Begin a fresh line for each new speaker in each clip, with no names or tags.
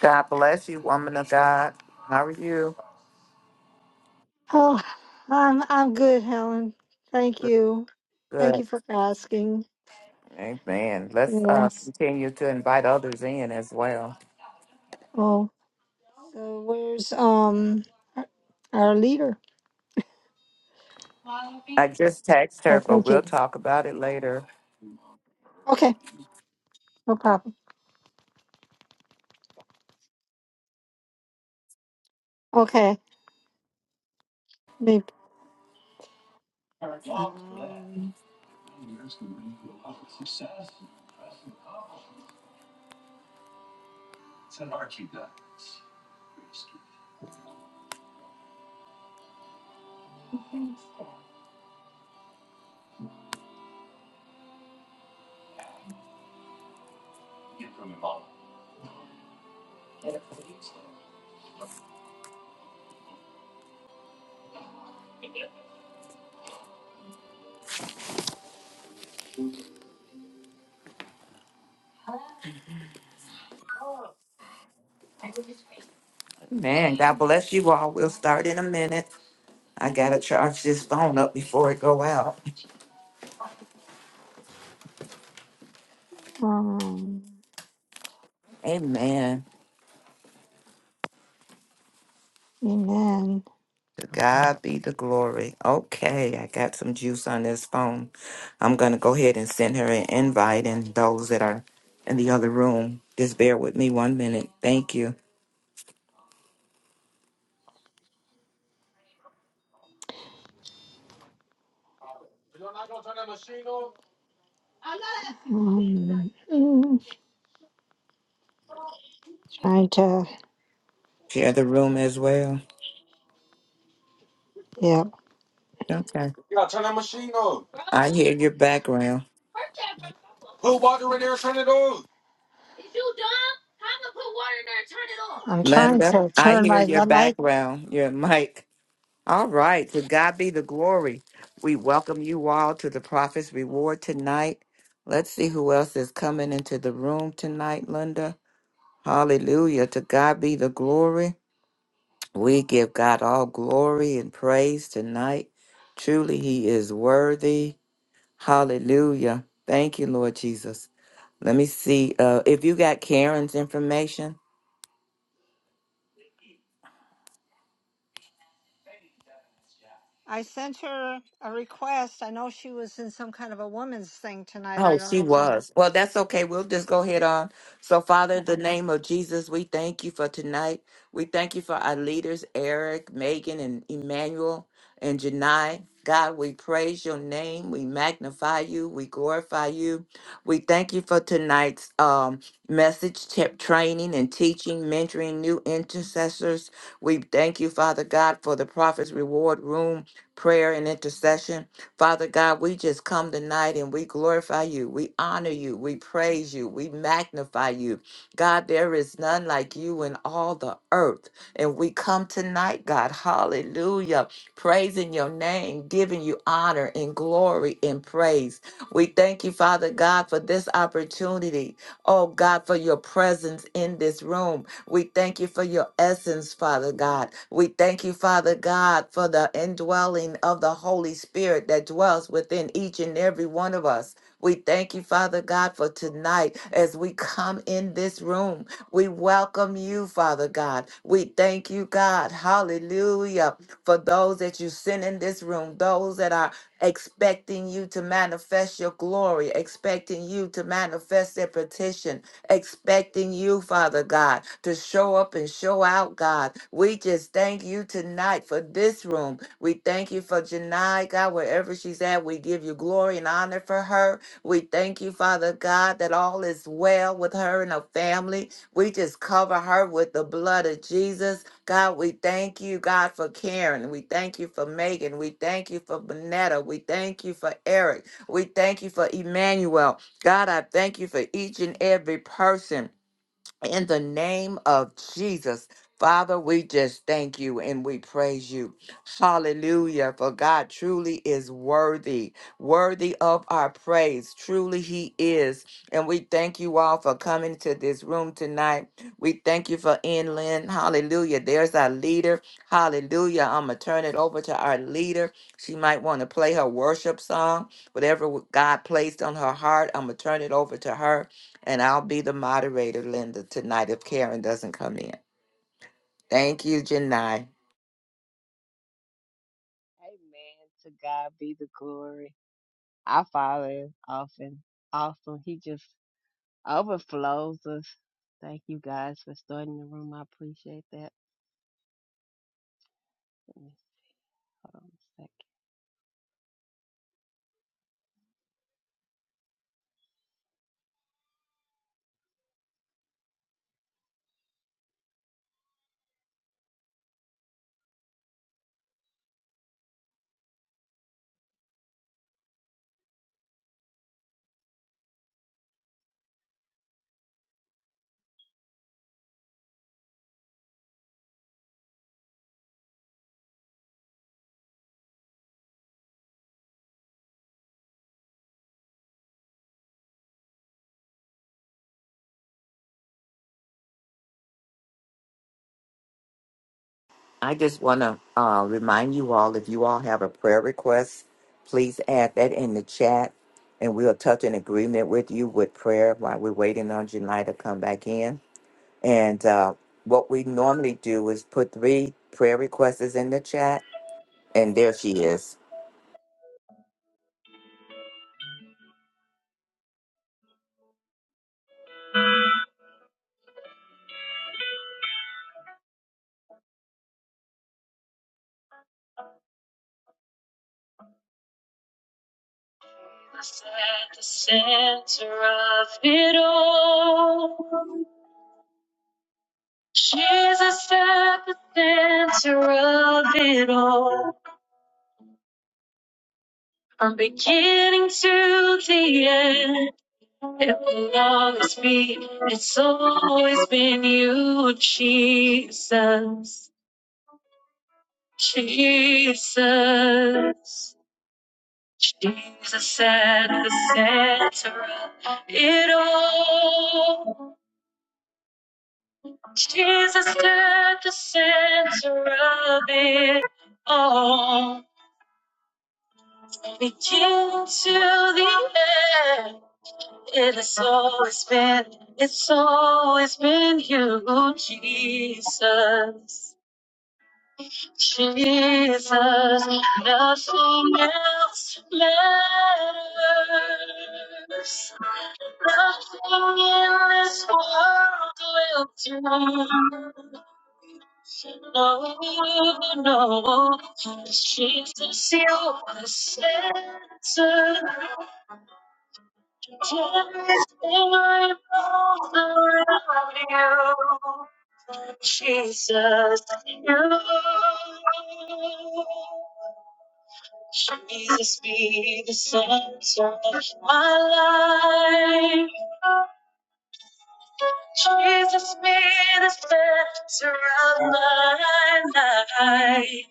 God bless you, woman of God. How are you?
Oh, I'm I'm good, Helen. Thank you. Thank
Good.
you for asking.
Amen. Let's uh,
Yes.
continue to invite others in as well.
Oh, so where's um our our leader?
I just text
Oh,
her, but
thank
we'll
you.
talk about it later.
Okay, no problem. Okay, maybe. Um,
Man, God bless you all. We'll start in a minute. I gotta charge this phone up before it go out.
um,
Amen.
amen.
To God be the glory. Okay, I got some juice on this phone. I'm gonna go ahead and send her an invite and those that are in the other room. Just bear with me one minute. Thank you.
Um, mm, trying to,
Share the room as well.
yeah.
Okay.
You gotta turn that machine on.
I hear your background.
Put water in there, turn it on. I'm trying
Linda,
to
I
turn
hear
my
your
light.
background, your mic. All right. To God be the glory. We welcome you all to the Prophet's Reward tonight. Let's see who else is coming into the room tonight, Linda. Hallelujah. To God be the glory. We give God all glory and praise tonight. Truly, He is worthy. Hallelujah. Thank you, Lord Jesus. Let me see uh, if you got Karen's information.
I sent her a request. I know she was in some kind of a woman's thing tonight. I
Oh,
don't
she
know. If it-
was. Well, that's okay. We'll just go ahead on. So, Father, in
yeah.
the name of Jesus, we thank you for tonight. We thank you for our leaders, Eric, Megan, and Emmanuel, and Janai. God, we praise your name. We magnify you. We glorify you. We thank you for tonight's um, message, tip, training, and teaching, mentoring new intercessors. We thank you, Father God, for the prophet's reward room, prayer, and intercession. Father God, we just come tonight and we glorify you. We honor you. We praise you. We magnify you. God, there is none like you in all the earth. And we come tonight, God, hallelujah, praising your name, giving you honor and glory and praise. We thank you, Father God, for this opportunity. Oh, God, for your presence in this room. We thank you for your essence, Father God. We thank you, Father God, for the indwelling of the Holy Spirit that dwells within each and every one of us. We thank you, Father God, for tonight as we come in this room. We welcome you, Father God. We thank you, God. Hallelujah. For those that you send in this room, those that are expecting you to manifest your glory, expecting you to manifest their petition, expecting you, Father God, to show up and show out, God. We just thank you tonight for this room. We thank you for Janai, God, wherever she's at. We give you glory and honor for her. We thank you, Father God, that all is well with her and her family. We just cover her with the blood of Jesus. God, we thank you, God, for Karen. We thank you for Megan. We thank you for Bonetta. We thank you for Eric. We thank you for Emmanuel. God, I thank you for each and every person in the name of Jesus, Father, we just thank you and we praise you. Hallelujah. For God truly is worthy, worthy of our praise. Truly, He is. And we thank you all for coming to this room tonight. We thank you for inland. Hallelujah. There's our leader. Hallelujah. I'm going to turn it over to our leader. She might want to play her worship song, whatever God placed on her heart. I'm going to turn it over to her. And I'll be the moderator, Linda, tonight if Karen doesn't come in. Thank you, Janai.
Amen. To God be the glory. Our Father is often awesome. He just overflows us. Thank you guys for starting the room. I appreciate that. Let me- Hold on a second.
I just want to uh, remind you all if you all have a prayer request, please add that in the chat and we'll touch an agreement with you with prayer while we're waiting on Janai to come back in. And uh, what we normally do is put three prayer requests in the chat, and there she is.
Was At the center of it all, Jesus at the center of it all, from beginning to the end. It will always be. It's always been you, Jesus. Jesus. Jesus at the center of it all. Jesus at the center of it all. Begin to the end. It has always been, it's always been you, Jesus. Jesus, nothing else matters. Nothing in this world will do. No, no, Jesus, you are the center. Just in my arms around you, Jesus, you. Jesus be the center of my life. Jesus be the center of my life.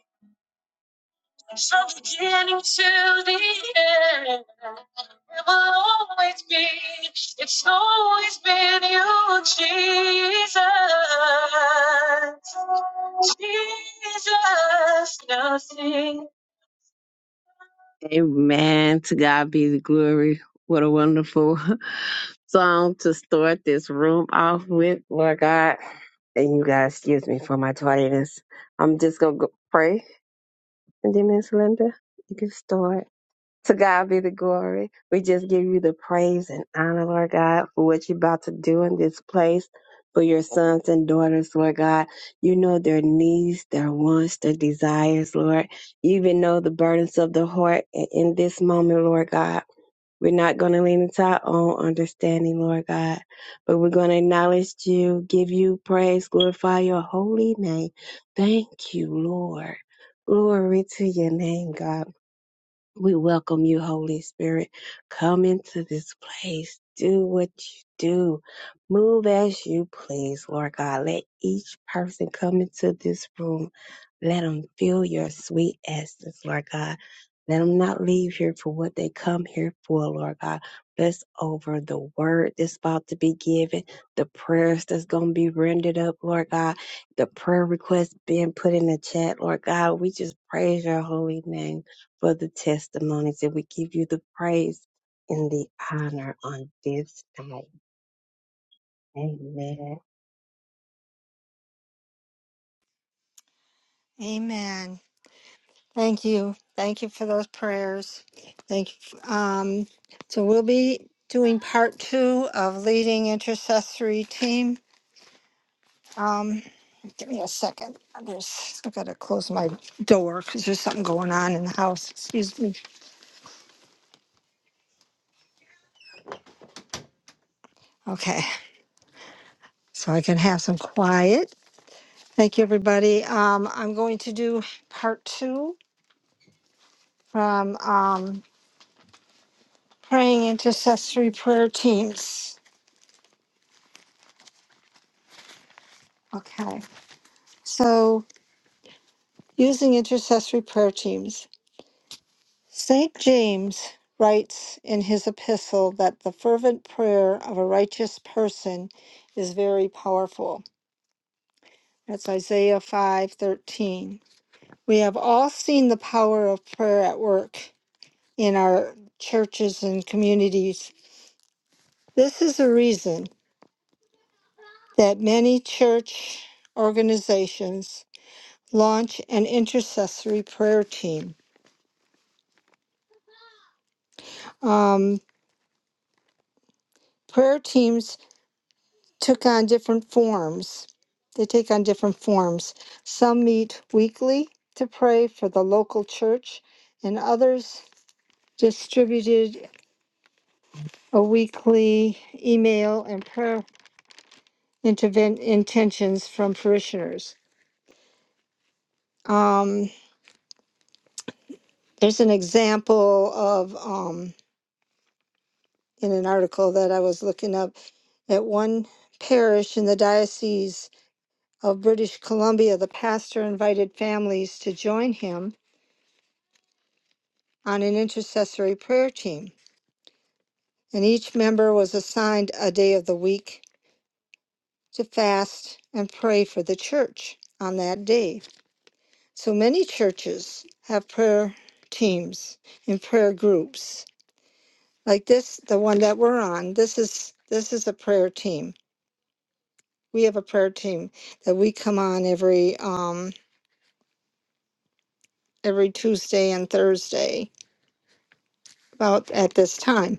So beginning to the end, it will always be, it's always been you, Jesus. Jesus, nothing. Amen. To God be the glory. What a wonderful song to start this room off with, Lord God. And you guys, excuse me for my tardiness. I'm just going to go pray. And then, Miss Linda, you can start. To God be the glory. We just give you the praise and honor, Lord God, for what you're about to do in this place for your sons and daughters, Lord God. You know their needs, their wants, their desires, Lord. You even know the burdens of the heart And in this moment, Lord God. We're not going to lean into our own understanding, Lord God, but we're going to acknowledge you, give you praise, glorify your holy name. Thank you, Lord. Glory to your name, God. We welcome you, Holy Spirit. Come into this place. Do what you do. Move as you please, Lord God. Let each person come into this room let them feel your sweet essence, Lord God. Let them not leave here for what they come here for, Lord God. Bless over the word that's about to be given, the prayers that's going to be rendered up, Lord God, the prayer requests being put in the chat, Lord God. We just praise your holy name for the testimonies and we give you the praise and the honor on this night. Amen.
Amen. Thank you. Thank you for those prayers. Thank you. Um, so we'll be doing part two of leading intercessory team. Um, give me a second. I'm just, I gotta close my door because there's something going on in the house. Excuse me. Okay. So I can have some quiet. Thank you, everybody. Um, I'm going to do part two from um, praying intercessory prayer teams. Okay, so using intercessory prayer teams. St. James writes in his epistle that the fervent prayer of a righteous person is very powerful. That's Isaiah 5:13. We have all seen the power of prayer at work in our churches and communities. This is a reason that many church organizations launch an intercessory prayer team. Um, prayer teams took on different forms. They take on different forms. Some meet weekly to pray for the local church, and others distributed a weekly email and prayer interven- intentions from parishioners. Um, there's an example of um, in an article that I was looking up at one parish in the diocese of British Columbia, the pastor invited families to join him on an intercessory prayer team, and each member was assigned a day of the week to fast and pray for the church on that day. So many churches have prayer teams and prayer groups. Like this, the one that we're on, this is this is a prayer team. We have a prayer team that we come on every um every Tuesday and Thursday about at this time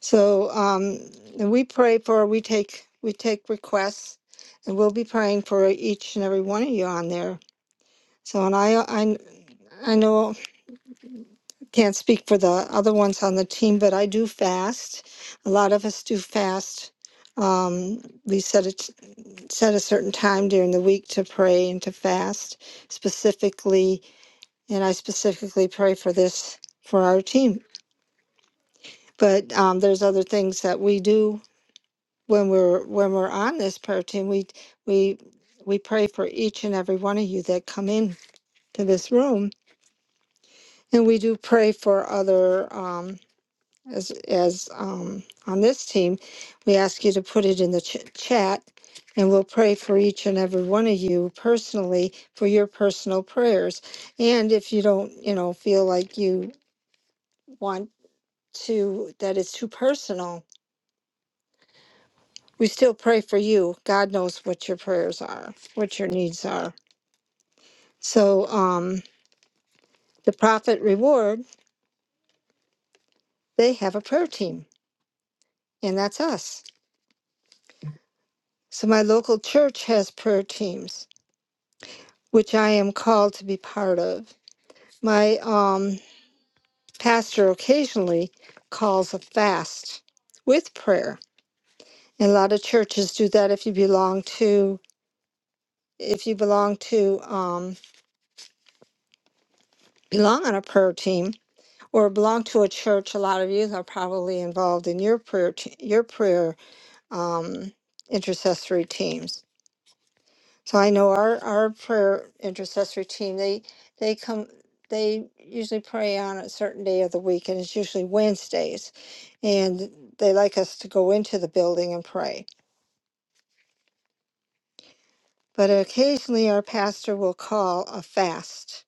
So um, and we pray for we take we take requests, and we'll be praying for each and every one of you on there. So and I I I know can't speak for the other ones on the team, but I do fast. A lot of us do fast. Um, we set a set a certain time during the week to pray and to fast specifically, and I specifically pray for this for our team. But um, there's other things that we do when we're when we're on this prayer team we we we pray for each and every one of you that come in to this room and we do pray for other um as as um on this team we ask you to put it in the ch- chat and we'll pray for each and every one of you personally for your personal prayers and if you don't you know feel like you want to that it's too personal we still pray for you god knows what your prayers are what your needs are So um, the prophet Reward, they have a prayer team, and that's us. So my local church has prayer teams, which I am called to be part of. My um, pastor occasionally calls a fast with prayer, and a lot of churches do that. If you belong to, if you belong to, um, belong on a prayer team or belong to a church, a lot of you are probably involved in your prayer, te- your prayer um, intercessory teams. So I know our, our prayer intercessory team, they, they come, they usually pray on a certain day of the week and it's usually Wednesdays. And they like us to go into the building and pray. But occasionally our pastor will call a fast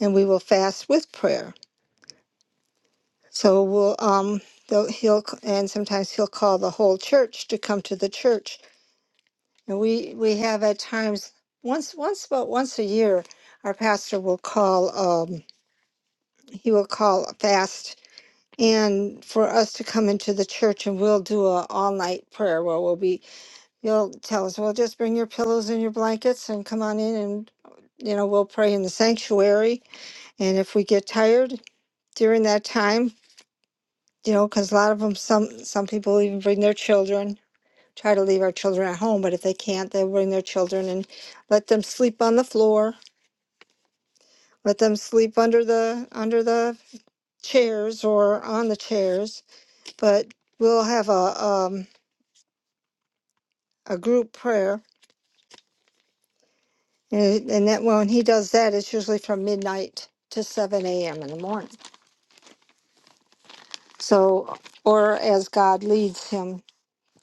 and we will fast with prayer. So we'll, um, they'll, he'll, c- and sometimes he'll call the whole church to come to the church. And we, we have at times, once, once, about once a year, our pastor will call, um. he will call a fast and for us to come into the church and we'll do a all night prayer where we'll be you'll tell us well just bring your pillows and your blankets and come on in and you know we'll pray in the sanctuary and if we get tired during that time you know because a lot of them some some people even bring their children try to leave our children at home but if they can't they'll bring their children and let them sleep on the floor let them sleep under the under the chairs or on the chairs but we'll have a um, a group prayer, and, and that well, when he does that, it's usually from midnight to seven a.m. in the morning. So, or as God leads him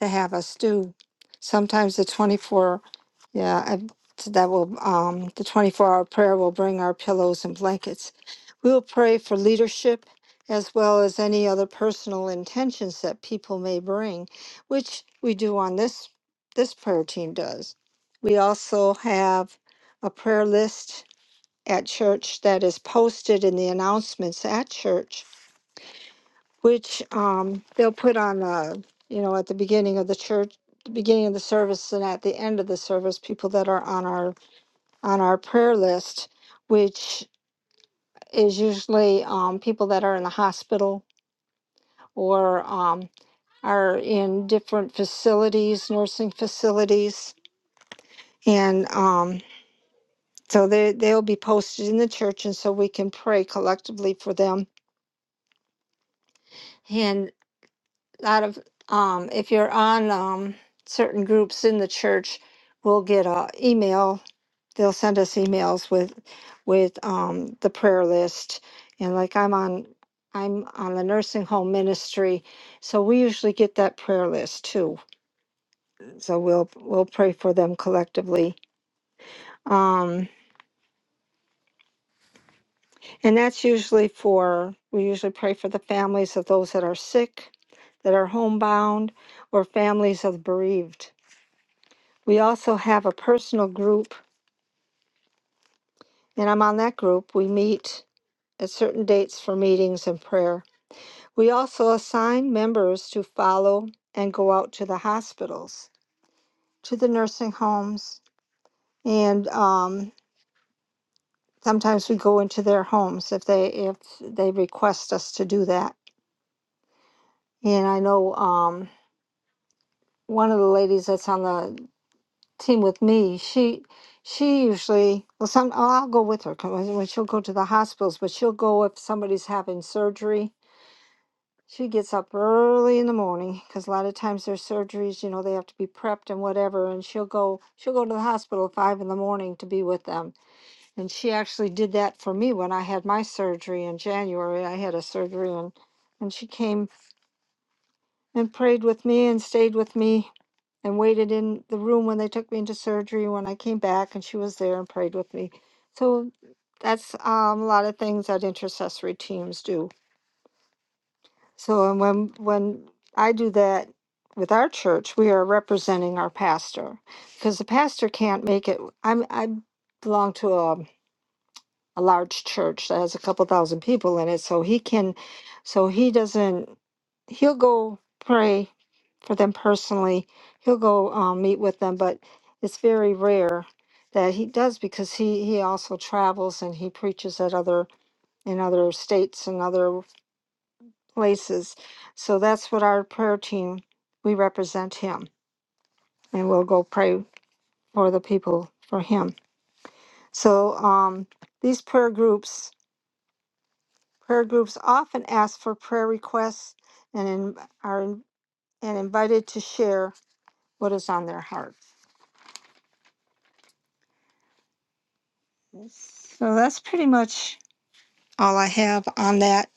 to have us do. Sometimes the 24, yeah, I, so that will, um, the 24 hour prayer will bring our pillows and blankets. We will pray for leadership as well as any other personal intentions that people may bring, which we do on this, this prayer team does. We also have a prayer list at church that is posted in the announcements at church which um, they'll put on, uh, you know, at the beginning of the church, the beginning of the service, and at the end of the service, people that are on our on our prayer list, which is usually um, people that are in the hospital or um, are in different facilities, nursing facilities, and um, so they they'll be posted in the church, and so we can pray collectively for them. and. out of um, if you're on um, certain groups in the church, we'll get a email. They'll send us emails with with um, the prayer list, and like I'm on I'm on the nursing home ministry, so we usually get that prayer list too. So we'll we'll pray for them collectively. Um, and that's usually for we usually pray for the families of those that are sick, that are homebound, or families of bereaved We also have a personal group, and I'm on that group. We meet at certain dates for meetings and prayer. We also assign members to follow and go out to the hospitals, to the nursing homes, and um, sometimes we go into their homes if they if they request us to do that. And I know um, one of the ladies that's on the team with me, she she usually well some oh, I'll go with her 'cause when when she'll go to the hospitals, but she'll go if somebody's having surgery. She gets up early in the morning because a lot of times their surgeries, you know, they have to be prepped and whatever, and she'll go she'll go to the hospital at five in the morning to be with them. And she actually did that for me when I had my surgery in January. I had a surgery and and she came and prayed with me and stayed with me and waited in the room when they took me into surgery when I came back and she was there and prayed with me. So that's um, a lot of things that intercessory teams do. So and when when I do that with our church, we are representing our pastor because the pastor can't make it. I'm I belong to a a large church that has a couple thousand people in it so he can so he doesn't he'll go pray for them personally he'll go um, meet with them but it's very rare that he does because he he also travels and he preaches at other in other states and other places so that's what our prayer team we represent him and we'll go pray for the people for him so um these prayer groups Prayer groups often ask for prayer requests and in, are in- and invited to share what is on their heart. So that's pretty much all I have on that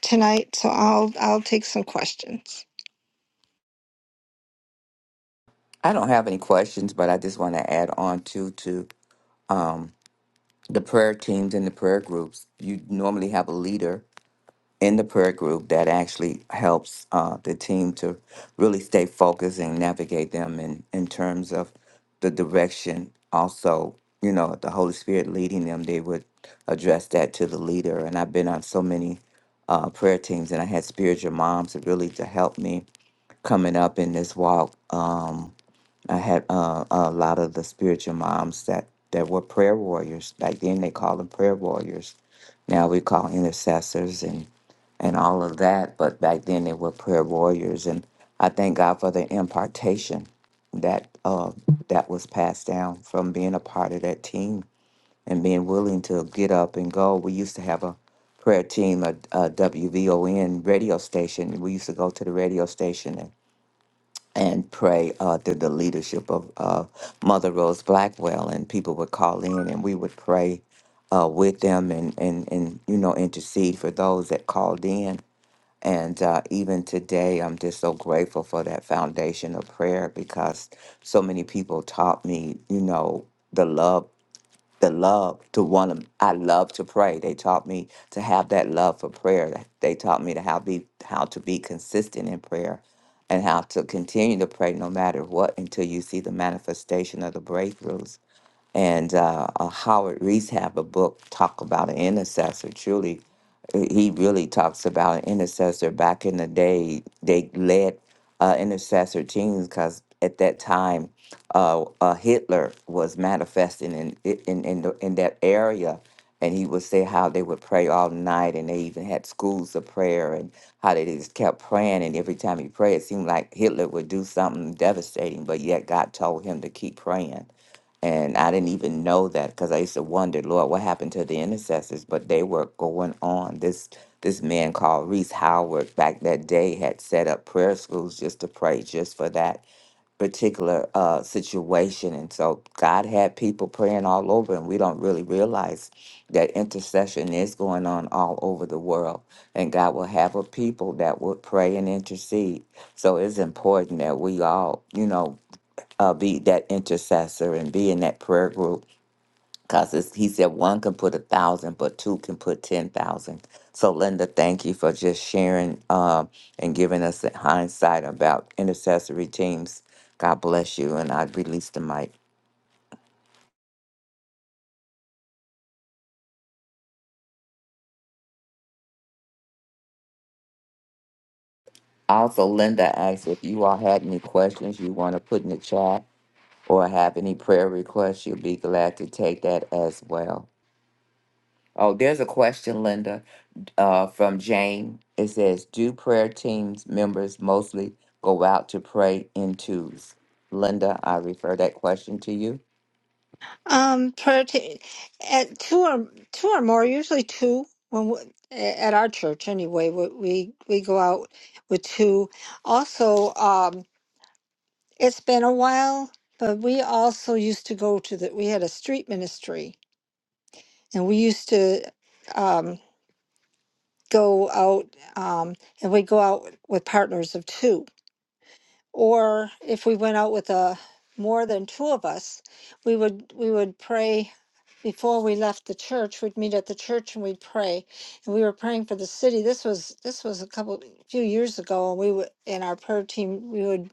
tonight. So I'll I'll take some questions.
I don't have any questions, but I just want to add on to to. Um, the prayer teams and the prayer groups, you normally have a leader in the prayer group that actually helps uh, the team to really stay focused and navigate them in, in terms of the direction. Also, you know, the Holy Spirit leading them, they would address that to the leader. And I've been on so many uh, prayer teams and I had spiritual moms that really to help me coming up in this walk. Um, I had uh, a lot of the spiritual moms that, that were prayer warriors. Back then, they called them prayer warriors. Now we call intercessors and, and all of that. But back then, they were prayer warriors. And I thank God for the impartation that uh, that was passed down from being a part of that team and being willing to get up and go. We used to have a prayer team, a, a W V O N radio station. We used to go to the radio station and and pray uh, through the leadership of uh, Mother Rose Blackwell, and people would call in and we would pray uh, with them and, and, and you know intercede for those that called in. And uh, even today, I'm just so grateful for that foundation of prayer because so many people taught me, you know, the love the love to want to i love to pray they taught me to have that love for prayer they taught me to how be how to be consistent in prayer and how to continue to pray no matter what until you see the manifestation of the breakthroughs and uh, uh, Howard Reese have a book talk about an intercessor. Truly, uh, he really talks about an intercessor. Back in the day, they led uh, intercessor teams because at that time, uh, uh, Hitler was manifesting in i- in in, the, in that area. And he would say how they would pray all night, and they even had schools of prayer, and how they just kept praying. And every time he prayed, it seemed like Hitler would do something devastating, but yet God told him to keep praying and I didn't even know that because I used to wonder, Lord, what happened to the intercessors? But they were going on. This this man called Reese Howard back that day had set up prayer schools just to pray just for that particular uh, situation. And so God had people praying all over, and we don't really realize that intercession is going on all over the world. And God will have a people that will pray and intercede. So it's important that we all, you know, uh, be that intercessor and be in that prayer group. Because he said one can put a thousand, but two can put 10,000. So, Linda, thank you for just sharing um, and giving us the hindsight about intercessory teams. God bless you. And I release the mic. Also, Linda asked if you all had any questions you want to put in the chat or have any prayer requests, you'll be glad to take that as well. Oh, there's a question, Linda, uh, from Jane. It says, "Do prayer teams members mostly go out to pray in twos?" Linda, I refer that question to you.
Um, prayer t- at two or two or more, usually two. When we, at our church anyway, we we we go out with two. Also, um, it's been a while, but we also used to go to the. We had a street ministry and we used to um, go out um, and we'd go out with partners of two or if we went out with a more than two of us we would we would pray before we left the church we'd meet at the church and we'd pray and we were praying for the city this was this was a couple few years ago and we would in our prayer team we would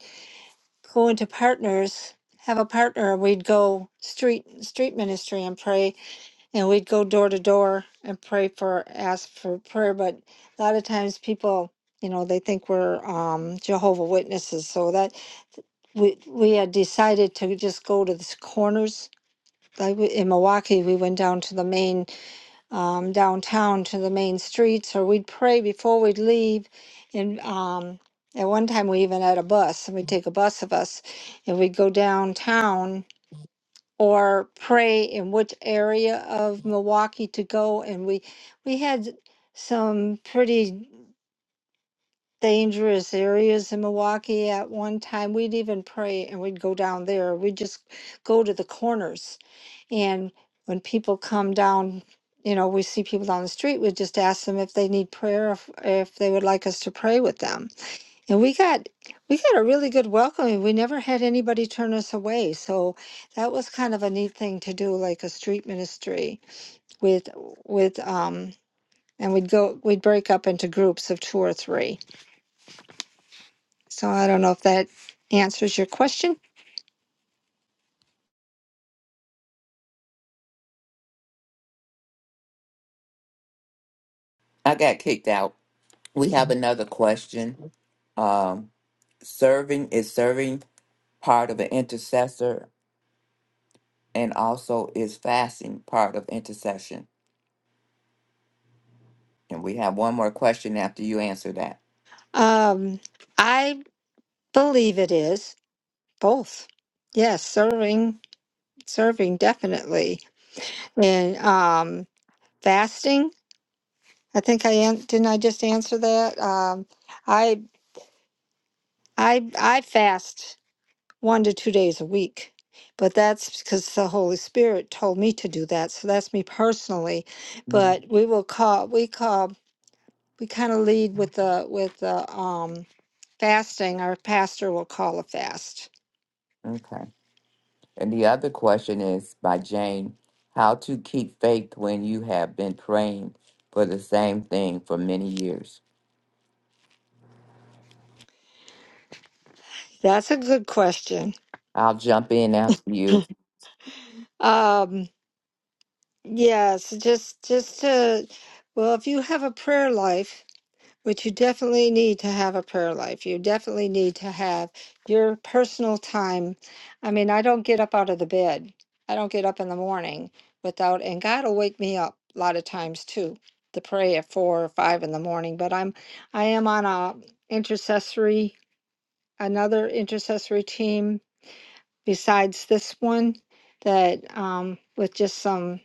go into partners have a partner and we'd go street street ministry and pray and we'd go door to door and pray for ask for prayer but a lot of times people you know they think we're um jehovah witnesses so that we we had decided to just go to the corners like we- in milwaukee we went down to the main um, downtown to the main streets or we'd pray before we'd leave and um at one time we even had a bus and we'd take a bus of us and we'd go downtown or pray in which area of Milwaukee to go. And we we had some pretty dangerous areas in Milwaukee at one time. We'd even pray and we'd go down there. We'd just go to the corners. And when people come down, you know, we see people down the street, we just ask them if they need prayer, if, if they would like us to pray with them and we got we got a really good welcoming. We never had anybody turn us away, so that was kind of a neat thing to do, like a street ministry with with um, and we'd go we'd break up into groups of two or three. So I don't know if that answers your question.
I got kicked out. We have another question. Um, serving is serving part of an intercessor, and also is fasting part of intercession. And we have one more question after you answer that.
Um, I believe it is both. Yes, serving serving definitely, and um, fasting. I think I an- didn't I just answer that. Um, I I I fast one to two days a week, but that's because the Holy Spirit told me to do that. So that's me personally.
Mhm.
But we will call we call we kind of lead with the with the um fasting. Our pastor will call a fast.
Okay. And the other question is by Jane How to keep faith when you have been praying for the same thing for many years?
That's a good question.
I'll jump in after you.
Um yes, just just to well, if you have a prayer life But you definitely need to have a prayer life. You definitely need to have your personal time. I mean, I don't get up out of the bed. I don't get up in the morning without, and God will wake me up a lot of times too to pray at four or five in the morning. But I'm, I am on a intercessory, another intercessory team besides this one that um, with just some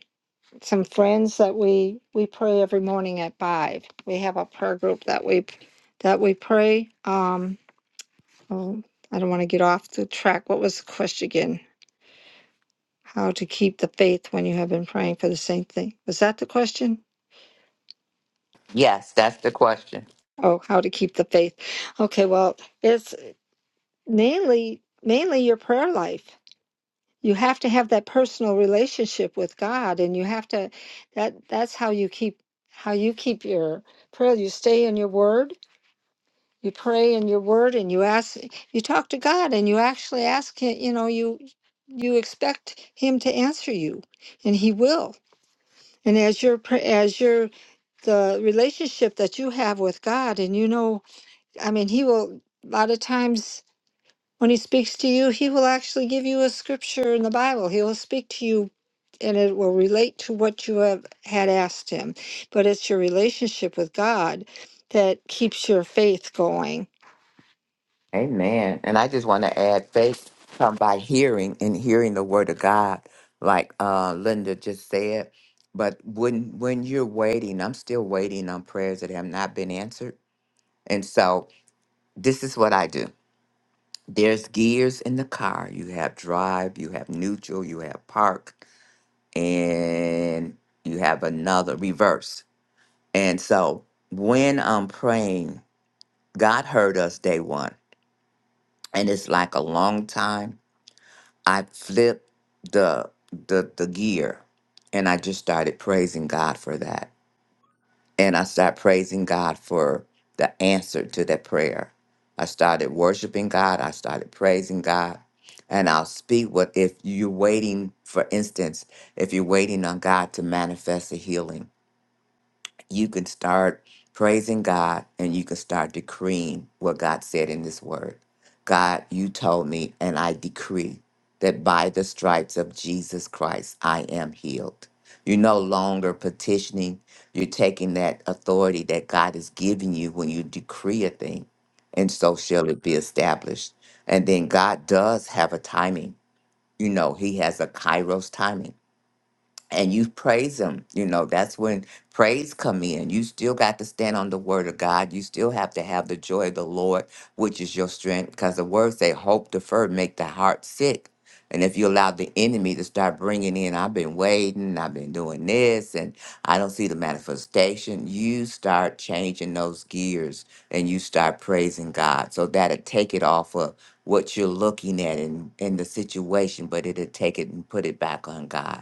some friends that we we pray every morning at five. We have a prayer group that we that we pray. Um, oh, I don't want to get off the track. What was the question again? How to keep the faith when you have been praying for the same thing? Was that the question?
Yes, that's the question.
Oh, how to keep the faith? Okay, well, it's mainly mainly your prayer life. You have to have that personal relationship with God, and you have to that that's how you keep how you keep your prayer. You stay in your Word you pray in your word and you ask you talk to god and you actually ask him you know you you expect him to answer you and he will and as your pr- as your the relationship that you have with god and you know i mean he will a lot of times when he speaks to you he will actually give you a scripture in the bible he will speak to you and it will relate to what you have had asked him but it's your relationship with god that keeps your faith going
Amen. And I just want to add faith come by hearing and hearing the word of God, like uh, Linda just said. But when when you're waiting, I'm still waiting on prayers that have not been answered. And so this is what I do. There's gears in the car. You have drive, you have neutral, you have park, and you have another reverse. And so when I'm praying, God heard us day one. And it's like a long time. I flipped the the the gear and I just started praising God for that And I started praising God for the answer to that prayer. I started worshiping God. I started praising God. And I'll speak what if you're waiting, for instance, if you're waiting on God to manifest a healing you can start praising God and you can start decreeing what God said in His Word. God, you told me, and I decree that by the stripes of Jesus Christ, I am healed. You're no longer petitioning, you're taking that authority that God has given you when you decree a thing, and so shall it be established. And then God does have a timing. You know, He has a kairos timing and you praise him you know that's when praise come in you still got to stand on the word of god you still have to have the joy of the lord which is your strength because the words say hope deferred make the heart sick and if you allow the enemy to start bringing in i've been waiting i've been doing this and i don't see the manifestation you start changing those gears and you start praising god so that'll take it off of what you're looking at in, in the situation but it'll take it and put it back on god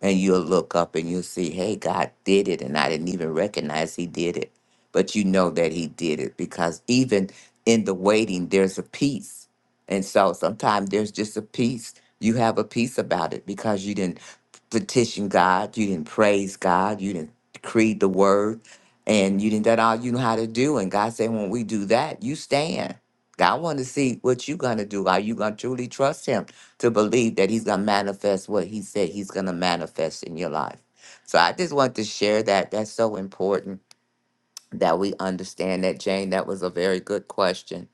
and you'll look up and you'll see, hey, God did it. And I didn't even recognize He did it. But you know that He did it because even in the waiting, there's a peace. And so sometimes there's just a peace. You have a peace about it because you didn't petition God, you didn't praise God, you didn't decree the word, and you didn't that all you know how to do. And God said, when we do that, you stand. God want to see what you're gonna do. Are you gonna truly trust Him to believe that He's gonna manifest what He said He's gonna manifest in your life? So I just want to share that. That's so important that we understand that, Jane. That was a very good question.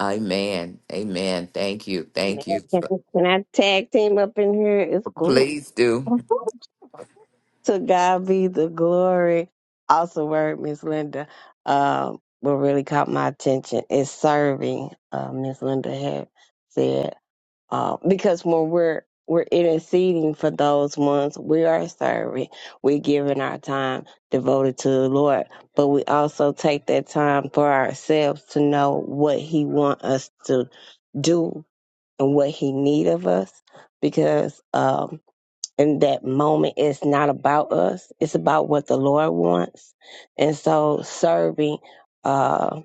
Amen. Amen. Thank you.
Amen.
Thank you.
Can I tag team up in here? It's good.
Please do.
to God be the glory. Also, word Miss Linda, um, what really caught my attention is serving. Uh, Miss Linda had said um, because when we're we're interceding for those ones, we are serving. We're giving our time devoted to the Lord, but we also take that time for ourselves to know what He want us to do and what He need of us, because. Um, in that moment it's not about us it's about what the lord wants and so serving uh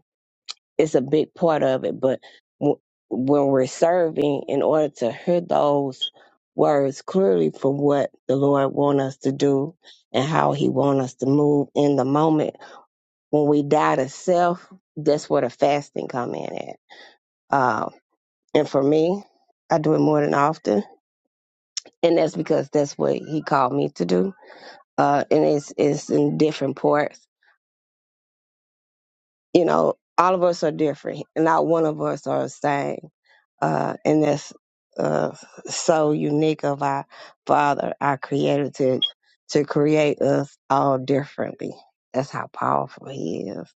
is a big part of it but w- when we're serving in order to hear those words clearly for what the lord wants us to do and how he wants us to move in the moment when we die to self that's where the fasting come in at uh, and for me i do it more than often and that's because that's what he called me to do uh, and it's it's in different parts. You know, all of us are different, and not one of us are the same. Uh, and that's uh, so unique of our Father, our Creator, to to create us all differently. That's how powerful He is.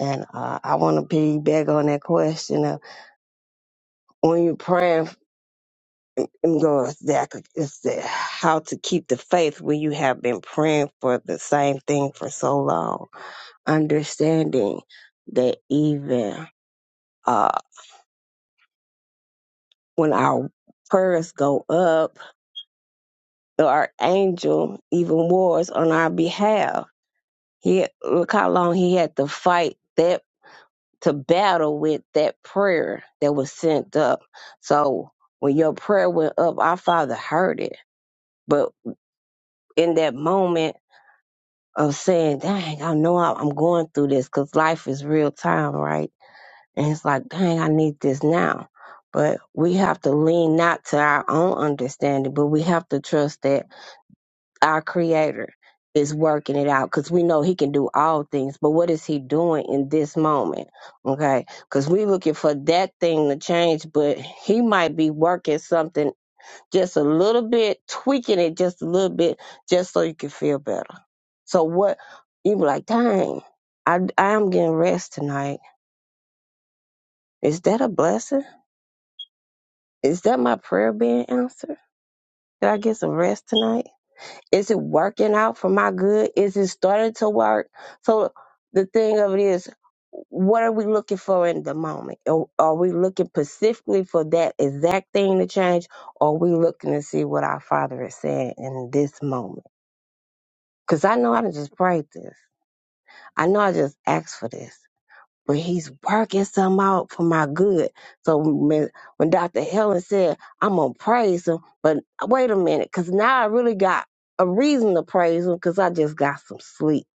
And uh, I want to piggyback on that question of when you're praying. and am going back. It's the how to keep the faith when you have been praying for the same thing for so long understanding that even uh, when our prayers go up, our angel even wars on our behalf. He look how long he had to fight that to battle with that prayer that was sent up. So when your prayer went up, our Father heard it. But in that moment of saying, "Dang, I know I- I'm going through this," because life is real time, right? And it's like, dang, I need this now. But we have to lean not to our own understanding, but we have to trust that our Creator is working it out because we know He can do all things. But what is He doing in this moment? Okay. Because we we're looking for that thing to change, but He might be working something just a little bit, tweaking it just a little bit, just so you can feel better. So what you be like, dang, I, I am getting rest tonight. Is that a blessing? Is that my prayer being answered? Did I get some rest tonight? Is it working out for my good? Is it starting to work? So the thing of it is, what are we looking for in the moment? Are are we looking specifically for that exact thing to change? Or are we looking to see what our Father is saying in this moment? Because I know I done just prayed this. I know I just asked for this. but he's working some out for my good. So when, when Dr. Helen said, I'm going to praise him, but wait a minute, because now I really got a reason to praise him because I just got some sleep.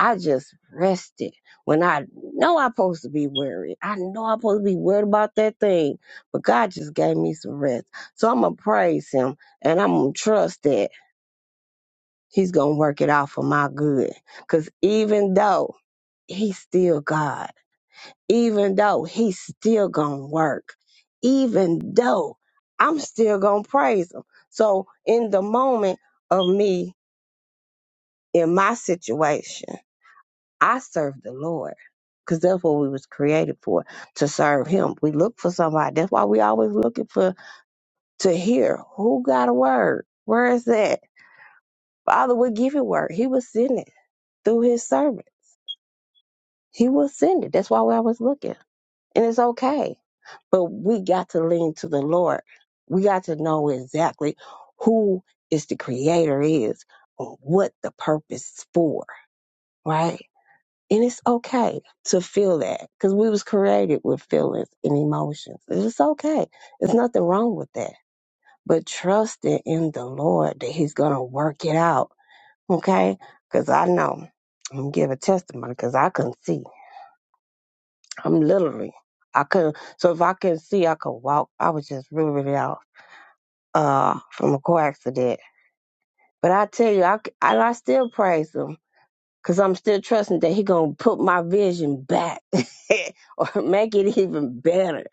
I just rested when I know I'm supposed to be worried. I know I'm supposed to be worried about that thing, but God just gave me some rest. So I'm going to praise him and I'm going to trust that he's going to work it out for my good because even though he's still God even though he's still gonna work, even though I'm still gonna praise him. So in the moment of me in my situation, I serve the Lord. Cause that's what we was created for, to serve him. We look for somebody. That's why we always looking for to hear who got a word. Where is that? Father would give you word. He was sending it through his servant. He was sending. That's why we always looking. and it's okay. But we got to lean to the Lord. We got to know exactly who is the creator is or what the purpose is for, right? And it's okay to feel that because we was created with feelings and emotions. It's okay. There's nothing wrong with that. But trust it in the Lord that He's gonna work it out, okay? Because I know I'm gonna give a testimony because I couldn't see. I'm literally I couldn't so if I couldn't see I could walk. I was just really really out uh from a car accident. But I tell you, I c- and I still praise him because I'm still trusting that he gonna put my vision back or make it even better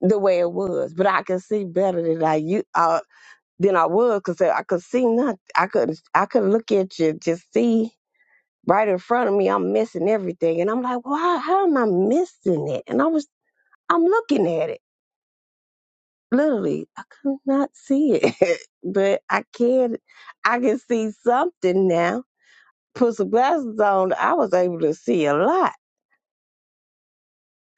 the way it was. But I can see better than I you uh, than I was because I could see nothing. I could I could look at you just see. Right in front of me, I'm missing everything, and I'm like, "Why? How am I missing it?" And I was, I'm looking at it. literally I could not see it, but I can I can see something now. Put some glasses on, I was able to see a lot.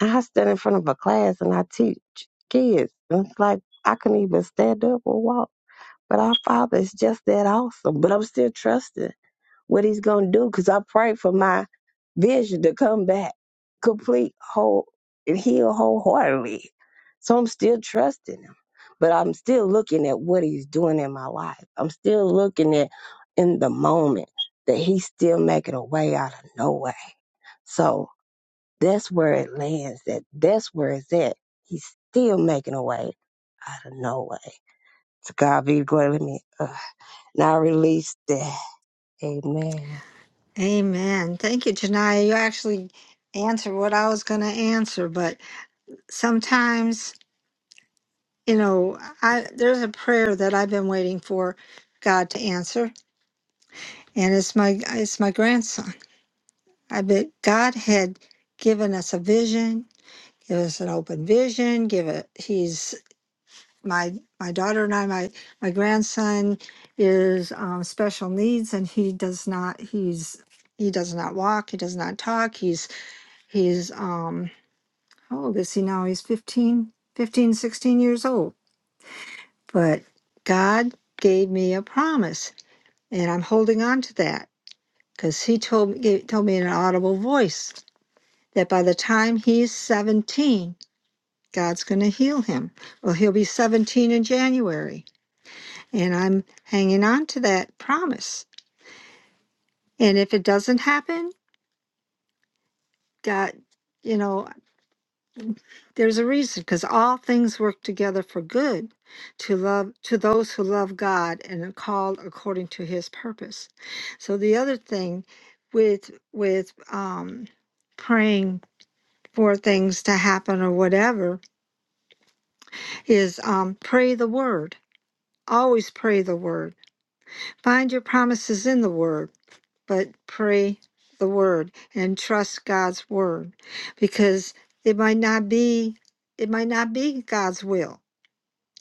I stand in front of a class and I teach kids. and It's like I couldn't even stand up or walk. But our Father is just that awesome. But I'm still trusting what he's gonna do because I pray for my vision to come back complete, whole, and heal wholeheartedly. So I'm still trusting him, but I'm still looking at what he's doing in my life. I'm still looking at in the moment that he's still making a way out of no way. So that's where it lands. That that's where it's at. He's still making a way out of no way. To God be the glory. Let me uh, now release that. Amen.
Amen. Thank you, Janiyah. You actually answered what I was going to answer, but sometimes, you know, I there's a prayer that I've been waiting for God to answer, and it's my it's my grandson. I bet God had given us a vision, give us an open vision, give it. He's my my daughter and I. My my grandson is um, special needs, and he does not. He's he does not walk. He does not talk. He's he's um how old is he now? He's 15, 15, 16 years old. But God gave me a promise, and I'm holding on to that because He told me, gave, told me in an audible voice that by the time he's 17, God's going to heal him. Well, he'll be 17 in January, and I'm hanging on to that promise. And if it doesn't happen, God, you know. There's a reason because all things work together for good to love to those who love God and are called according to his purpose. So the other thing with with um praying for things to happen or whatever is um pray the word. Always pray the word. Find your promises in the word, but pray the word and trust God's word because it might not be it might not be God's will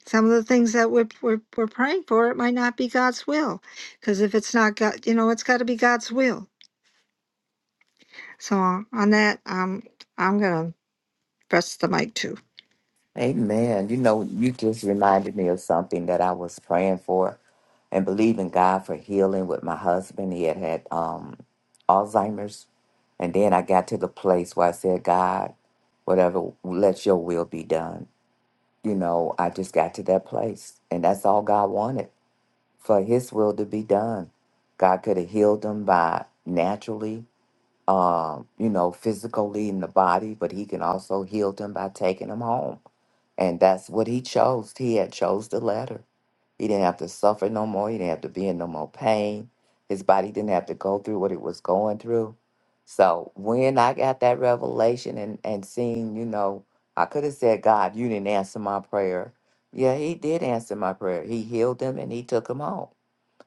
Some of the things that we're, we're, we're praying for, it might not be God's will. Because if it's not God, you know, it's got to be God's will. So on that, um, I'm going to press the mic too.
Amen. You know, you just reminded me of something that I was praying for and believing God for healing with my husband. He had had um, Alzheimer's. And then I got to the place where I said, God, whatever, let your will be done. You know, I just got to that place. And that's all God wanted for his will to be done. God could have healed him by naturally, um, you know, physically in the body, but he can also heal him by taking him home and that's what he chose. He had chose the latter. He didn't have to suffer no more. He didn't have to be in no more pain. His body didn't have to go through what it was going through. So when I got that revelation and, and seeing, you know, I could have said, God, you didn't answer my prayer. Yeah, he did answer my prayer. He healed him and he took him home.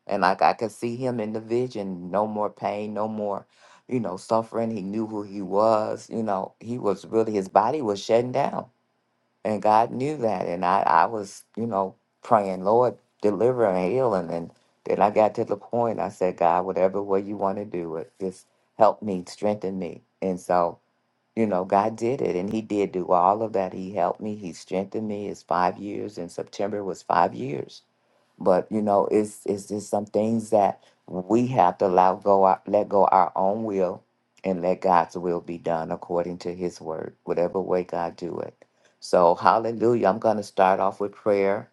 And like I could see him in the vision, no more pain, no more, you know, suffering. He knew who he was, you know, he was really his body was shutting down and God knew that. And I, I was, you know, praying, Lord, deliver and heal. And then, then I got to the point, I said, God, whatever way you want to do it, just help me, strengthen me. And so, you know, God did it. And He did do all of that. He helped me, He strengthened me. It's five years. In September was five years but you know, it's it's just some things that we have to allow go our, let go our own will and let God's will be done according to His word, whatever way God do it. So, Hallelujah! I'm going to start off with prayer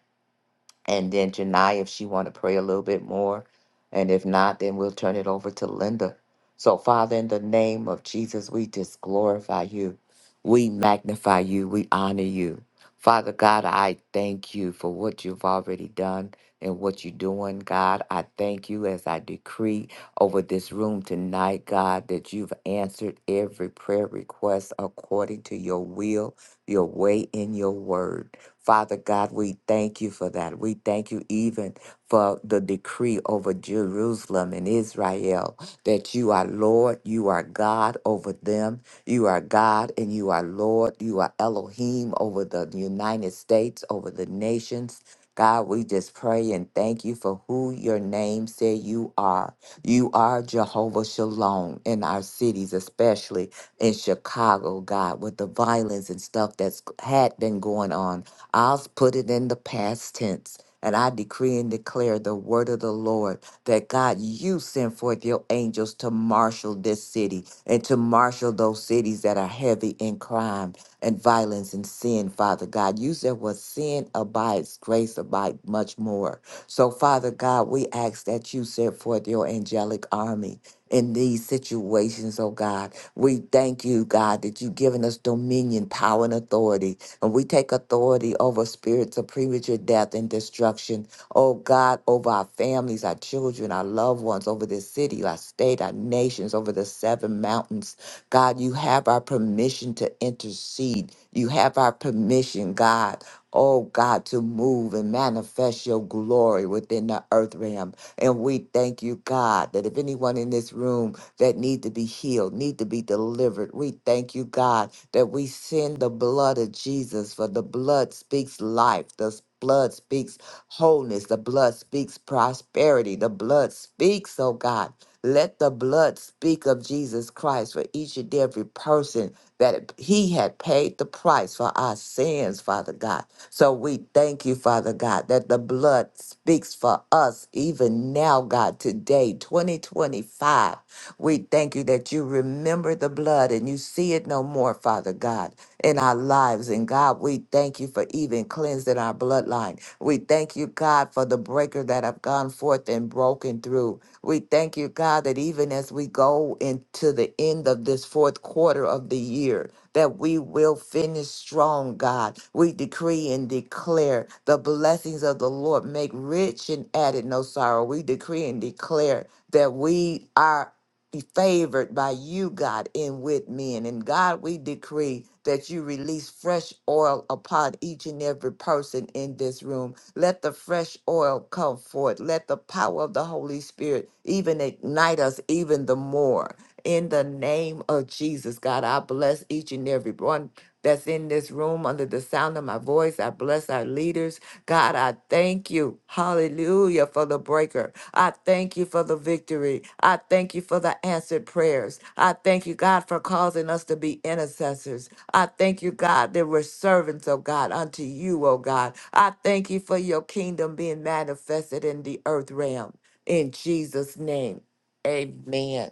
and then Janai, if she want to pray a little bit more, and if not, then we'll turn it over to Linda. So, Father, in the name of Jesus, we just glorify you, we magnify you, we honor you, Father God. I thank you for what you've already done and what you're doing, God. I thank you as I decree over this room tonight, God, that you've answered every prayer request according to your will, your way, and your word. Father God, we thank you for that. We thank you even for the decree over Jerusalem and Israel that you are Lord, you are God over them, you are God and you are Lord, you are Elohim over the United States, over the nations. God, we just pray and thank you for who your name say you are. You are Jehovah Shalom in our cities, especially in Chicago, God, with the violence and stuff that's had been going on I'll put it in the past tense. And I decree and declare the word of the Lord that God, you send forth your angels to marshal this city and to marshal those cities that are heavy in crime and violence and sin, Father God. You said what sin abides, grace abides much more. So, Father God, we ask that you send forth your angelic army in these situations, oh God. We thank you, God, that you've given us dominion, power, and authority and we take authority over spirits of premature death and destruction. Oh God, over our families, our children, our loved ones, over this city, our state, our nations, over the seven mountains. God, you have our permission to intercede. You have our permission, God. Oh God, to move and manifest your glory within the earth realm. And we thank you, God, that if anyone in this room that need to be healed, need to be delivered. We thank you, God, that we send the blood of Jesus, for the blood speaks life. The blood speaks wholeness. The blood speaks prosperity. The blood speaks, oh God. Let the blood speak of Jesus Christ for each and every person that he had paid the price for our sins, Father God. So we thank you, Father God, that the blood speaks for us even now, God, today, 2025. We thank you that you remember the blood and you see it no more, Father God, in our lives. And God, we thank you for even cleansing our bloodline. We thank you, God, for the breaker that have gone forth and broken through. We thank you, God, that even as we go into the end of this fourth quarter of the year, that we will finish strong, God. We decree and declare the blessings of the Lord make rich and added no sorrow. We decree and declare that we are be favored by you, God, and with men. And God, we decree that you release fresh oil upon each and every person in this room. Let the fresh oil come forth. Let the power of the Holy Spirit even ignite us even the more. In the name of Jesus, God, I bless each and every one that's in this room under the sound of my voice. I bless our leaders. God, I thank you. Hallelujah for the breaker. I thank you for the victory. I thank you for the answered prayers. I thank you, God, for causing us to be intercessors. I thank you, God, that we're servants of God unto you, oh God. I thank you for your kingdom being manifested in the earth realm. In Jesus' name, amen.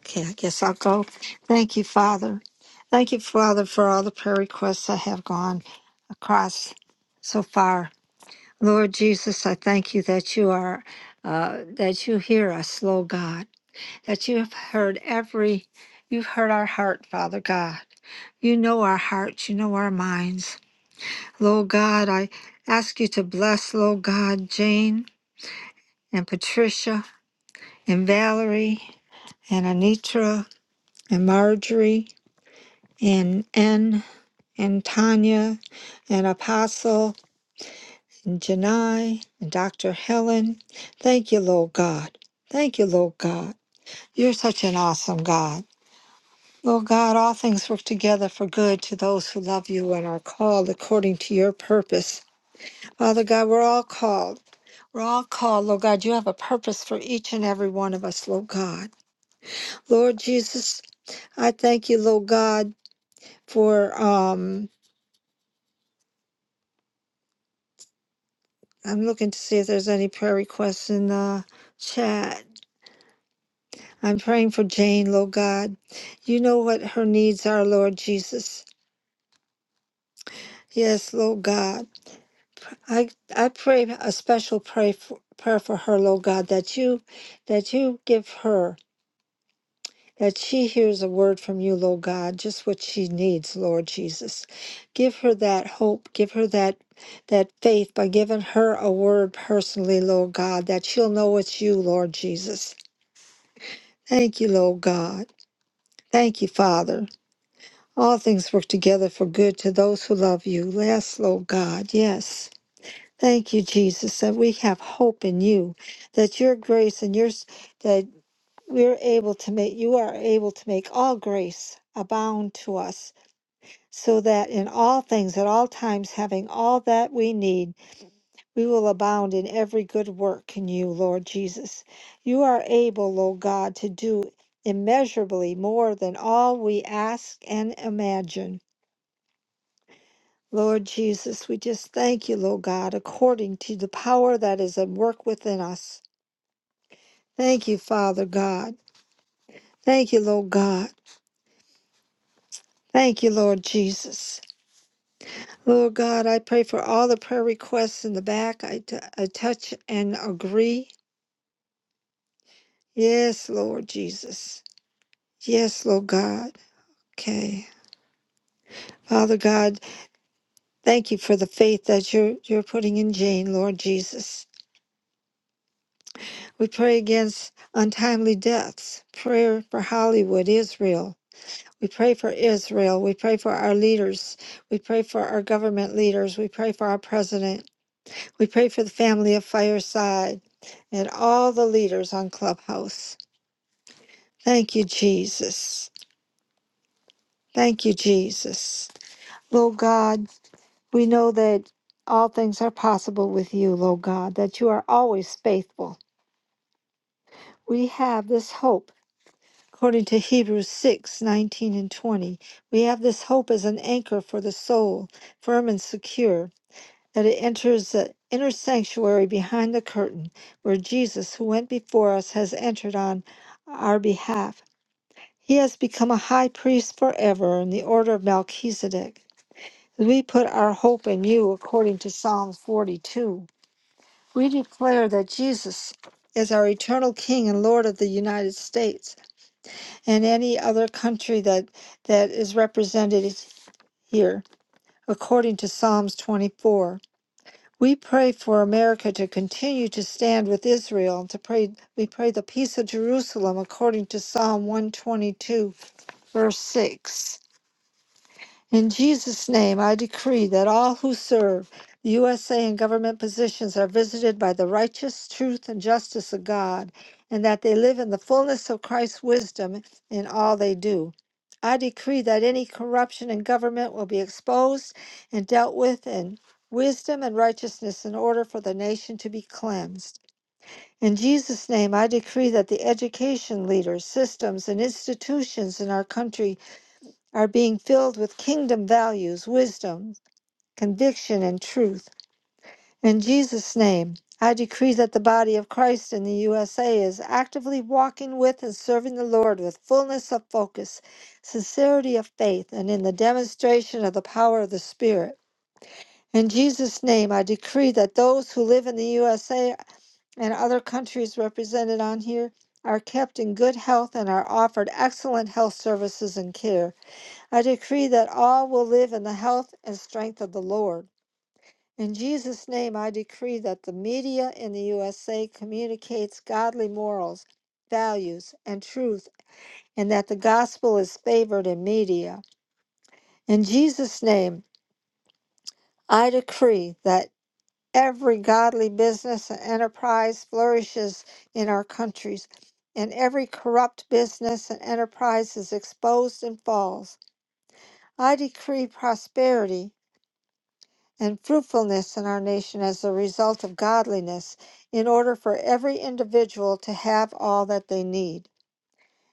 Okay, I guess I'll go. Thank you, Father. Thank you, Father, for all the prayer requests that have gone across so far. Lord Jesus, I thank you that you are, uh, that you hear us, Lord God, that you have heard every, you've heard our heart, Father God. You know our hearts, you know our minds. Lord God, I ask you to bless, Lord God, Jane and Patricia and Valerie and Anitra and Marjorie and N and Tanya and Apostle and Janai and Dr. Helen. Thank you, Lord God. Thank you, Lord God. You're such an awesome God. Lord God, all things work together for good to those who love you and are called according to your purpose. Father God, we're all called. We're all called, Lord God. You have a purpose for each and every one of us, Lord God. Lord Jesus, I thank you, Lord God, for um I'm looking to see if there's any prayer requests in the chat. I'm praying for Jane, Lord God. You know what her needs are, Lord Jesus. Yes, Lord God. I I pray a special pray for, prayer for her, Lord God, that you that you give her. that she hears a word from you, Lord God, just what she needs, Lord Jesus. Give her that hope, give her that that faith by giving her a word personally, Lord God, that she'll know it's you, Lord Jesus. Thank you, Lord God. Thank you, Father. All things work together for good to those who love you. Yes, Lord God, yes. Thank you, Jesus, that we have hope in you, that your grace and your that we're able to make you are able to make all grace abound to us so that in all things at all times having all that we need we will abound in every good work in you lord jesus you are able o god to do immeasurably more than all we ask and imagine lord jesus we just thank you lord god according to the power that is at work within us thank you father god thank you lord god thank you lord jesus Lord God, I pray for all the prayer requests in the back. I t- I touch and agree. Yes, Lord Jesus. Yes, Lord God. Okay. Father God, thank you for the faith that you're, you're putting in Jane, Lord Jesus. We pray against untimely deaths. Prayer for Hollywood, Israel. We pray for Israel. We pray for our leaders. We pray for our government leaders. We pray for our president. We pray for the family of Fireside and all the leaders on Clubhouse. Thank you, Jesus. Thank you, Jesus. Lord God, we know that all things are possible with you, Lord God, that you are always faithful. We have this hope. According to Hebrews 6 19 and 20, we have this hope as an anchor for the soul, firm and secure. that it enters the inner sanctuary behind the curtain where Jesus, who went before us, has entered on our behalf. He has become a high priest forever in the order of Melchizedek. We put our hope in you according to Psalm 42. We declare that Jesus is our eternal King and Lord of the United States and any other country that, that is represented here, according to Psalms 24. We pray for America to continue to stand with Israel and to pray we pray the peace of Jerusalem according to Psalm 122 verse 6. In Jesus' name, I decree that all who serve the USA in government positions are visited by the righteous truth and justice of God, and that they live in the fullness of Christ's wisdom in all they do. I decree that any corruption in government will be exposed and dealt with in wisdom and righteousness in order for the nation to be cleansed. In Jesus' name, I decree that the education leaders, systems, and institutions in our country are being filled with kingdom values, wisdom, conviction, and truth. In Jesus' name, I decree that the body of Christ in the USA is actively walking with and serving the Lord with fullness of focus, sincerity of faith, and in the demonstration of the power of the Spirit. In Jesus' name, I decree that those who live in the USA and other countries represented on here are kept in good health and are offered excellent health services and care. I decree that all will live in the health and strength of the Lord. In Jesus' name, I decree that the media in the USA communicates godly morals, values, and truth, and that the gospel is favored in media. In Jesus' name, I decree that every godly business and enterprise flourishes in our countries, and every corrupt business and enterprise is exposed and falls. I decree prosperity and fruitfulness in our nation as a result of godliness, in order for every individual to have all that they need.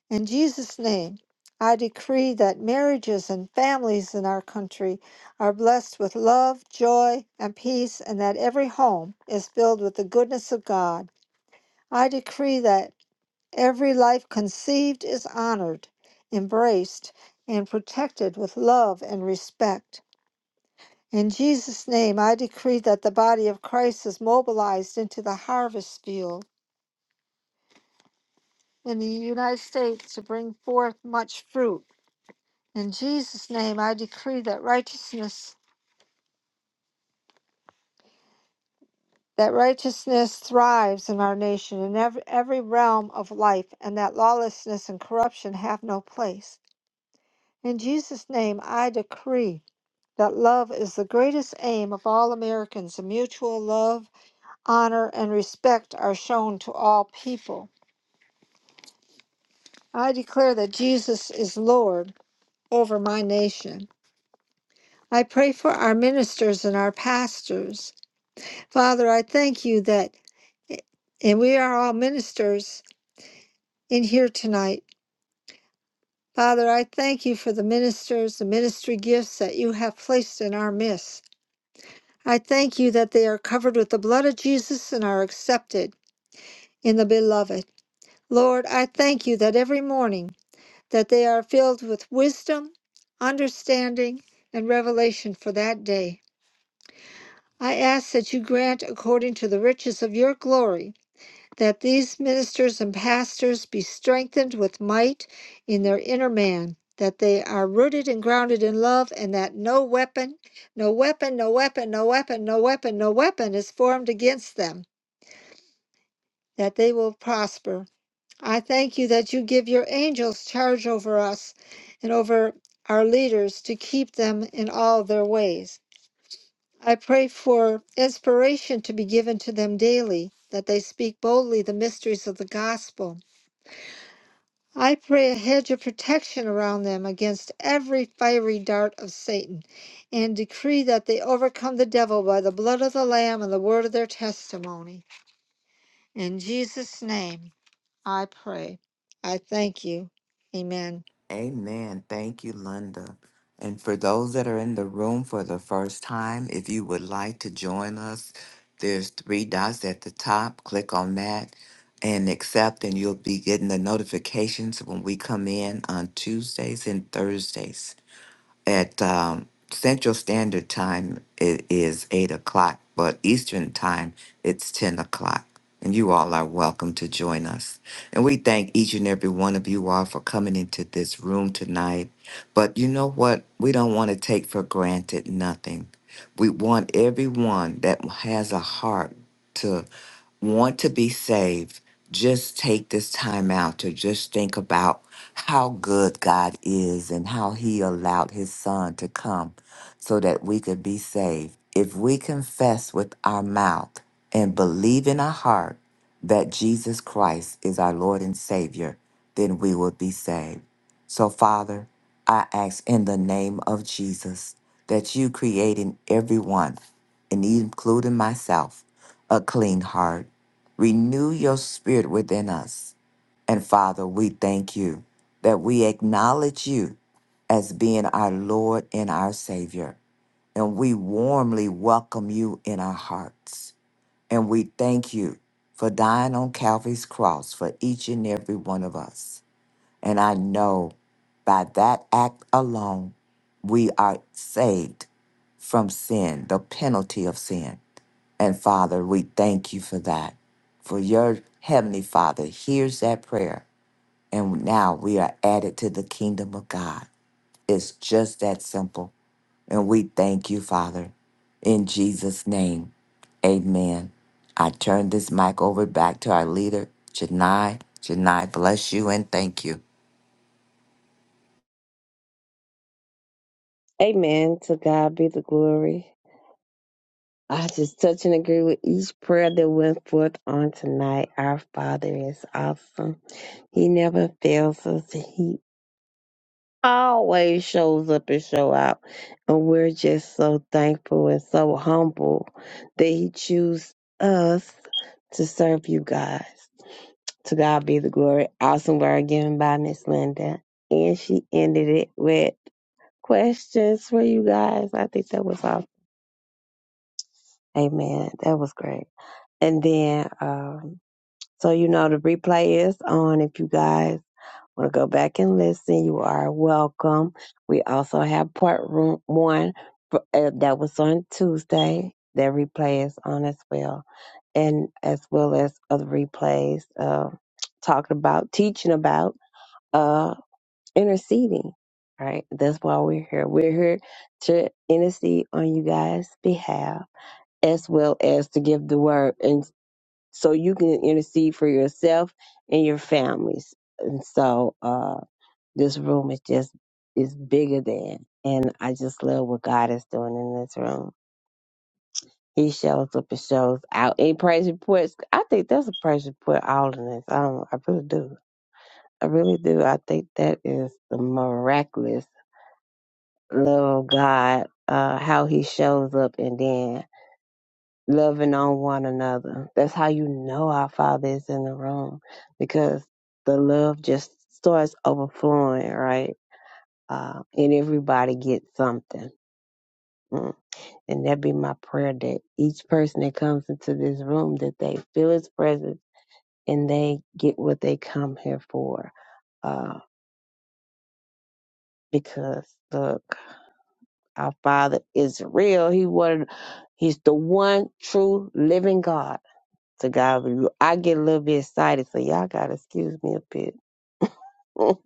In Jesus' name, I decree that marriages and families in our country are blessed with love, joy, and peace, and that every home is filled with the goodness of God. I decree that every life conceived is honored, embraced, and protected with love and respect. In Jesus' name, I decree that the body of Christ is mobilized into the harvest field in the United States to bring forth much fruit. In Jesus' name, I decree that righteousness that righteousness thrives in our nation in every, every realm of life and that lawlessness and corruption have no place. In Jesus' name, I decree that love is the greatest aim of all Americans and mutual love, honor, and respect are shown to all people. I declare that Jesus is Lord over my nation. I pray for our ministers and our pastors. Father, I thank you that, eh, and we are all ministers in here tonight. Father, I thank you for the ministers, the ministry gifts that you have placed in our midst. I thank you that they are covered with the blood of Jesus and are accepted in the beloved. Lord, I thank you that every morning. that they are filled with wisdom, understanding, and revelation for that day. I ask that you grant, according to the riches of your glory, that these ministers and pastors be strengthened with might in their inner man, that they are rooted and grounded in love, and that no weapon, no weapon, no weapon, no weapon, no weapon, no weapon is formed against them, that they will prosper I thank you that you give your angels charge over us and over our leaders to keep them in all their ways. I pray for inspiration to be given to them daily, that they speak boldly the mysteries of the gospel. I pray a hedge of protection around them against every fiery dart of Satan, and decree that they overcome the devil by the blood of the Lamb and the word of their testimony. In Jesus' name I pray. I thank you. Amen.
Amen. Thank you, Linda. And for those that are in the room for the first time, if you would like to join us, there's three dots at the top. Click on that and accept, and you'll be getting the notifications when we come in on Tuesdays and Thursdays. At um, Central Standard Time, it is 8 o'clock, but Eastern Time, it's 10 o'clock. And you all are welcome to join us. And we thank each and every one of you all for coming into this room tonight. But you know what? We don't want to take for granted nothing. We want everyone that has a heart want to be saved, just take this time out to just think about how good God is and how He allowed His Son to come so that we could be saved. If we confess with our mouth and believe in our heart that Jesus Christ is our Lord and Savior, then we will be saved. So, Father, I ask in the name of Jesus that you create in everyone, and including myself, a clean heart. Renew your spirit within us. And Father, we thank you that we acknowledge you as being our Lord and our Savior. And we warmly welcome you in our hearts. And we thank you for dying on Calvary's cross for each and every one of us. And I know by that act alone, we are saved from sin, the penalty of sin. And Father, we thank you for that. For your Heavenly Father hears that prayer. And now we are added to the kingdom of God. It's just that simple. And we thank you, Father. In Jesus' name, amen. I turn this mic over back to our leader, Janai. Janai, bless you and thank you.
Amen. To God be the glory. I just touch and agree with each prayer that went forth on tonight. Our Father is awesome. He never fails us. He always shows up and show out. And we're just so thankful and so humble that He choose us to serve you guys. To God be the glory. Awesome word given by Miss Linda. And she ended it with questions for you guys. I think that was awesome. Amen. That was great. And then, um, so you know, the replay is on. If you guys want to go back and listen, you are welcome. We also have part room one for, uh, that was on Tuesday. That replay is on as well, and as well as other replays uh, talking about, teaching about uh, interceding. Right. That's why we're here. We're here to intercede on you guys' behalf as well as to give the word so you can intercede for yourself and your families. And so uh, this room is just is bigger than, and I just love what God is doing in this room. He shows up and shows out. And praise reports, I think that's a praise report. All in this, I don't, I really do, I really do. I think that is the miraculous love of God, uh, how He shows up, and then loving on one another. That's how you know our Father is in the room because the love just starts overflowing, right? Uh, and everybody gets something. Mm. And that be my prayer that each person that comes into this room that they feel His presence and they get what they come here for. Uh, because look, our Father is real. He wanted, He's the one true living God to God be the- I get a little bit excited, so y'all gotta excuse me a bit.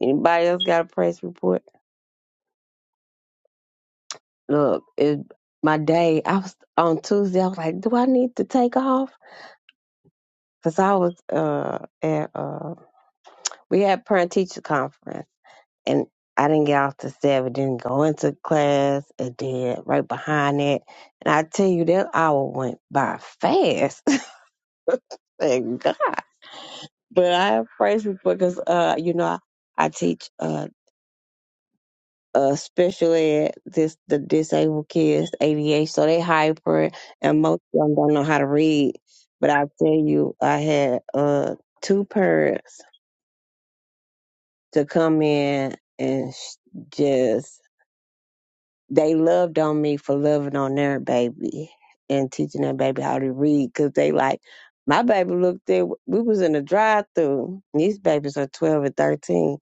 Anybody else got a praise report? Look, it my day. I was on Tuesday. I was like, do I need to take off? Cause I was uh at uh we had parent teacher conference and I didn't get off to seven, didn't go into class, and then right behind it. And I tell you, that hour went by fast. Thank God. But I have praise report because, uh, you know, I, I teach uh uh special ed this the disabled kids ADH so they hyper and most of them don't know how to read but I tell you I had uh two parents to come in and sh- just they loved on me for loving on their baby and teaching their baby how to read because they like my baby looked at we was in a drive through these babies are 12 and 13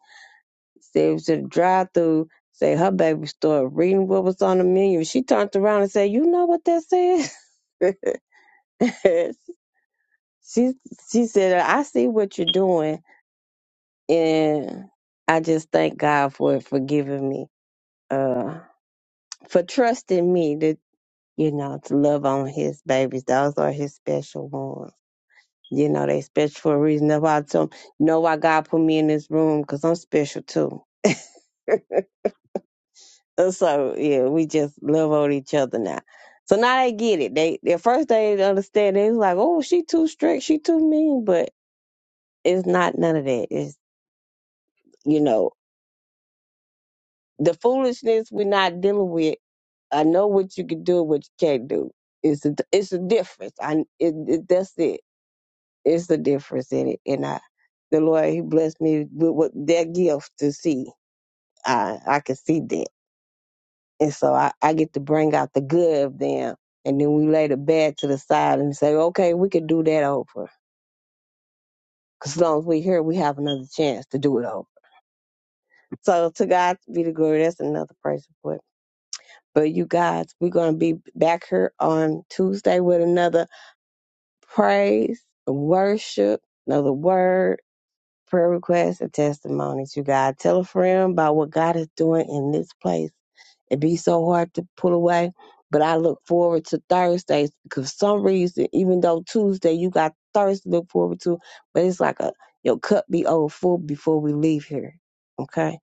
Said it was at a drive through. Say her baby started reading what was on the menu. She turned around and said, "You know what that says?" she she said, "I see what you're doing, and I just thank God for forgiving me, uh, for trusting me to you know to love on His babies. Those are His special ones." You know, they special for a reason. That's why I told 'em, you know why God put me in this room, because I'm special too. Uh, So yeah, we just love on each other now. So now they get it. They at first they didn't understand. They was like, "Oh, she too strict. She too mean." But it's not none of that. It's you know the foolishness we're not dealing with. I know what you can do, and what you can't do. It's a it's a difference. I it, it, that's it. It's a difference in it. And I, the Lord, He blessed me with, with that gift to see. I I can see that. And so I, I get to bring out the good of them. And then we lay the bad to the side and say, okay, we could do that over. Because as long as we're here, we have another chance to do it over. So to God be the glory. That's another praise report. But you guys, we're going to be back here on Tuesday with another praise, worship, another word. prayer requests and testimonies, you guys. Tell a friend about what God is doing in this place. It'd be so hard to pull away, but I look forward to Thursdays because for some reason, even though Tuesday you got Thursday to look forward to, but it's like a your cup be overfull before we leave here. Okay?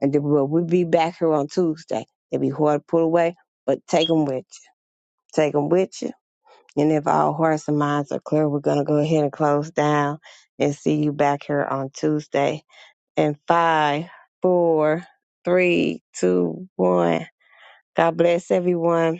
And then we'll, we'll be back here on Tuesday. It'd be hard to pull away, but take them with you. Take them with you. And if all hearts and minds are clear, we're going to go ahead and close down and see you back here on Tuesday. And five, four, three, two, one. God bless everyone.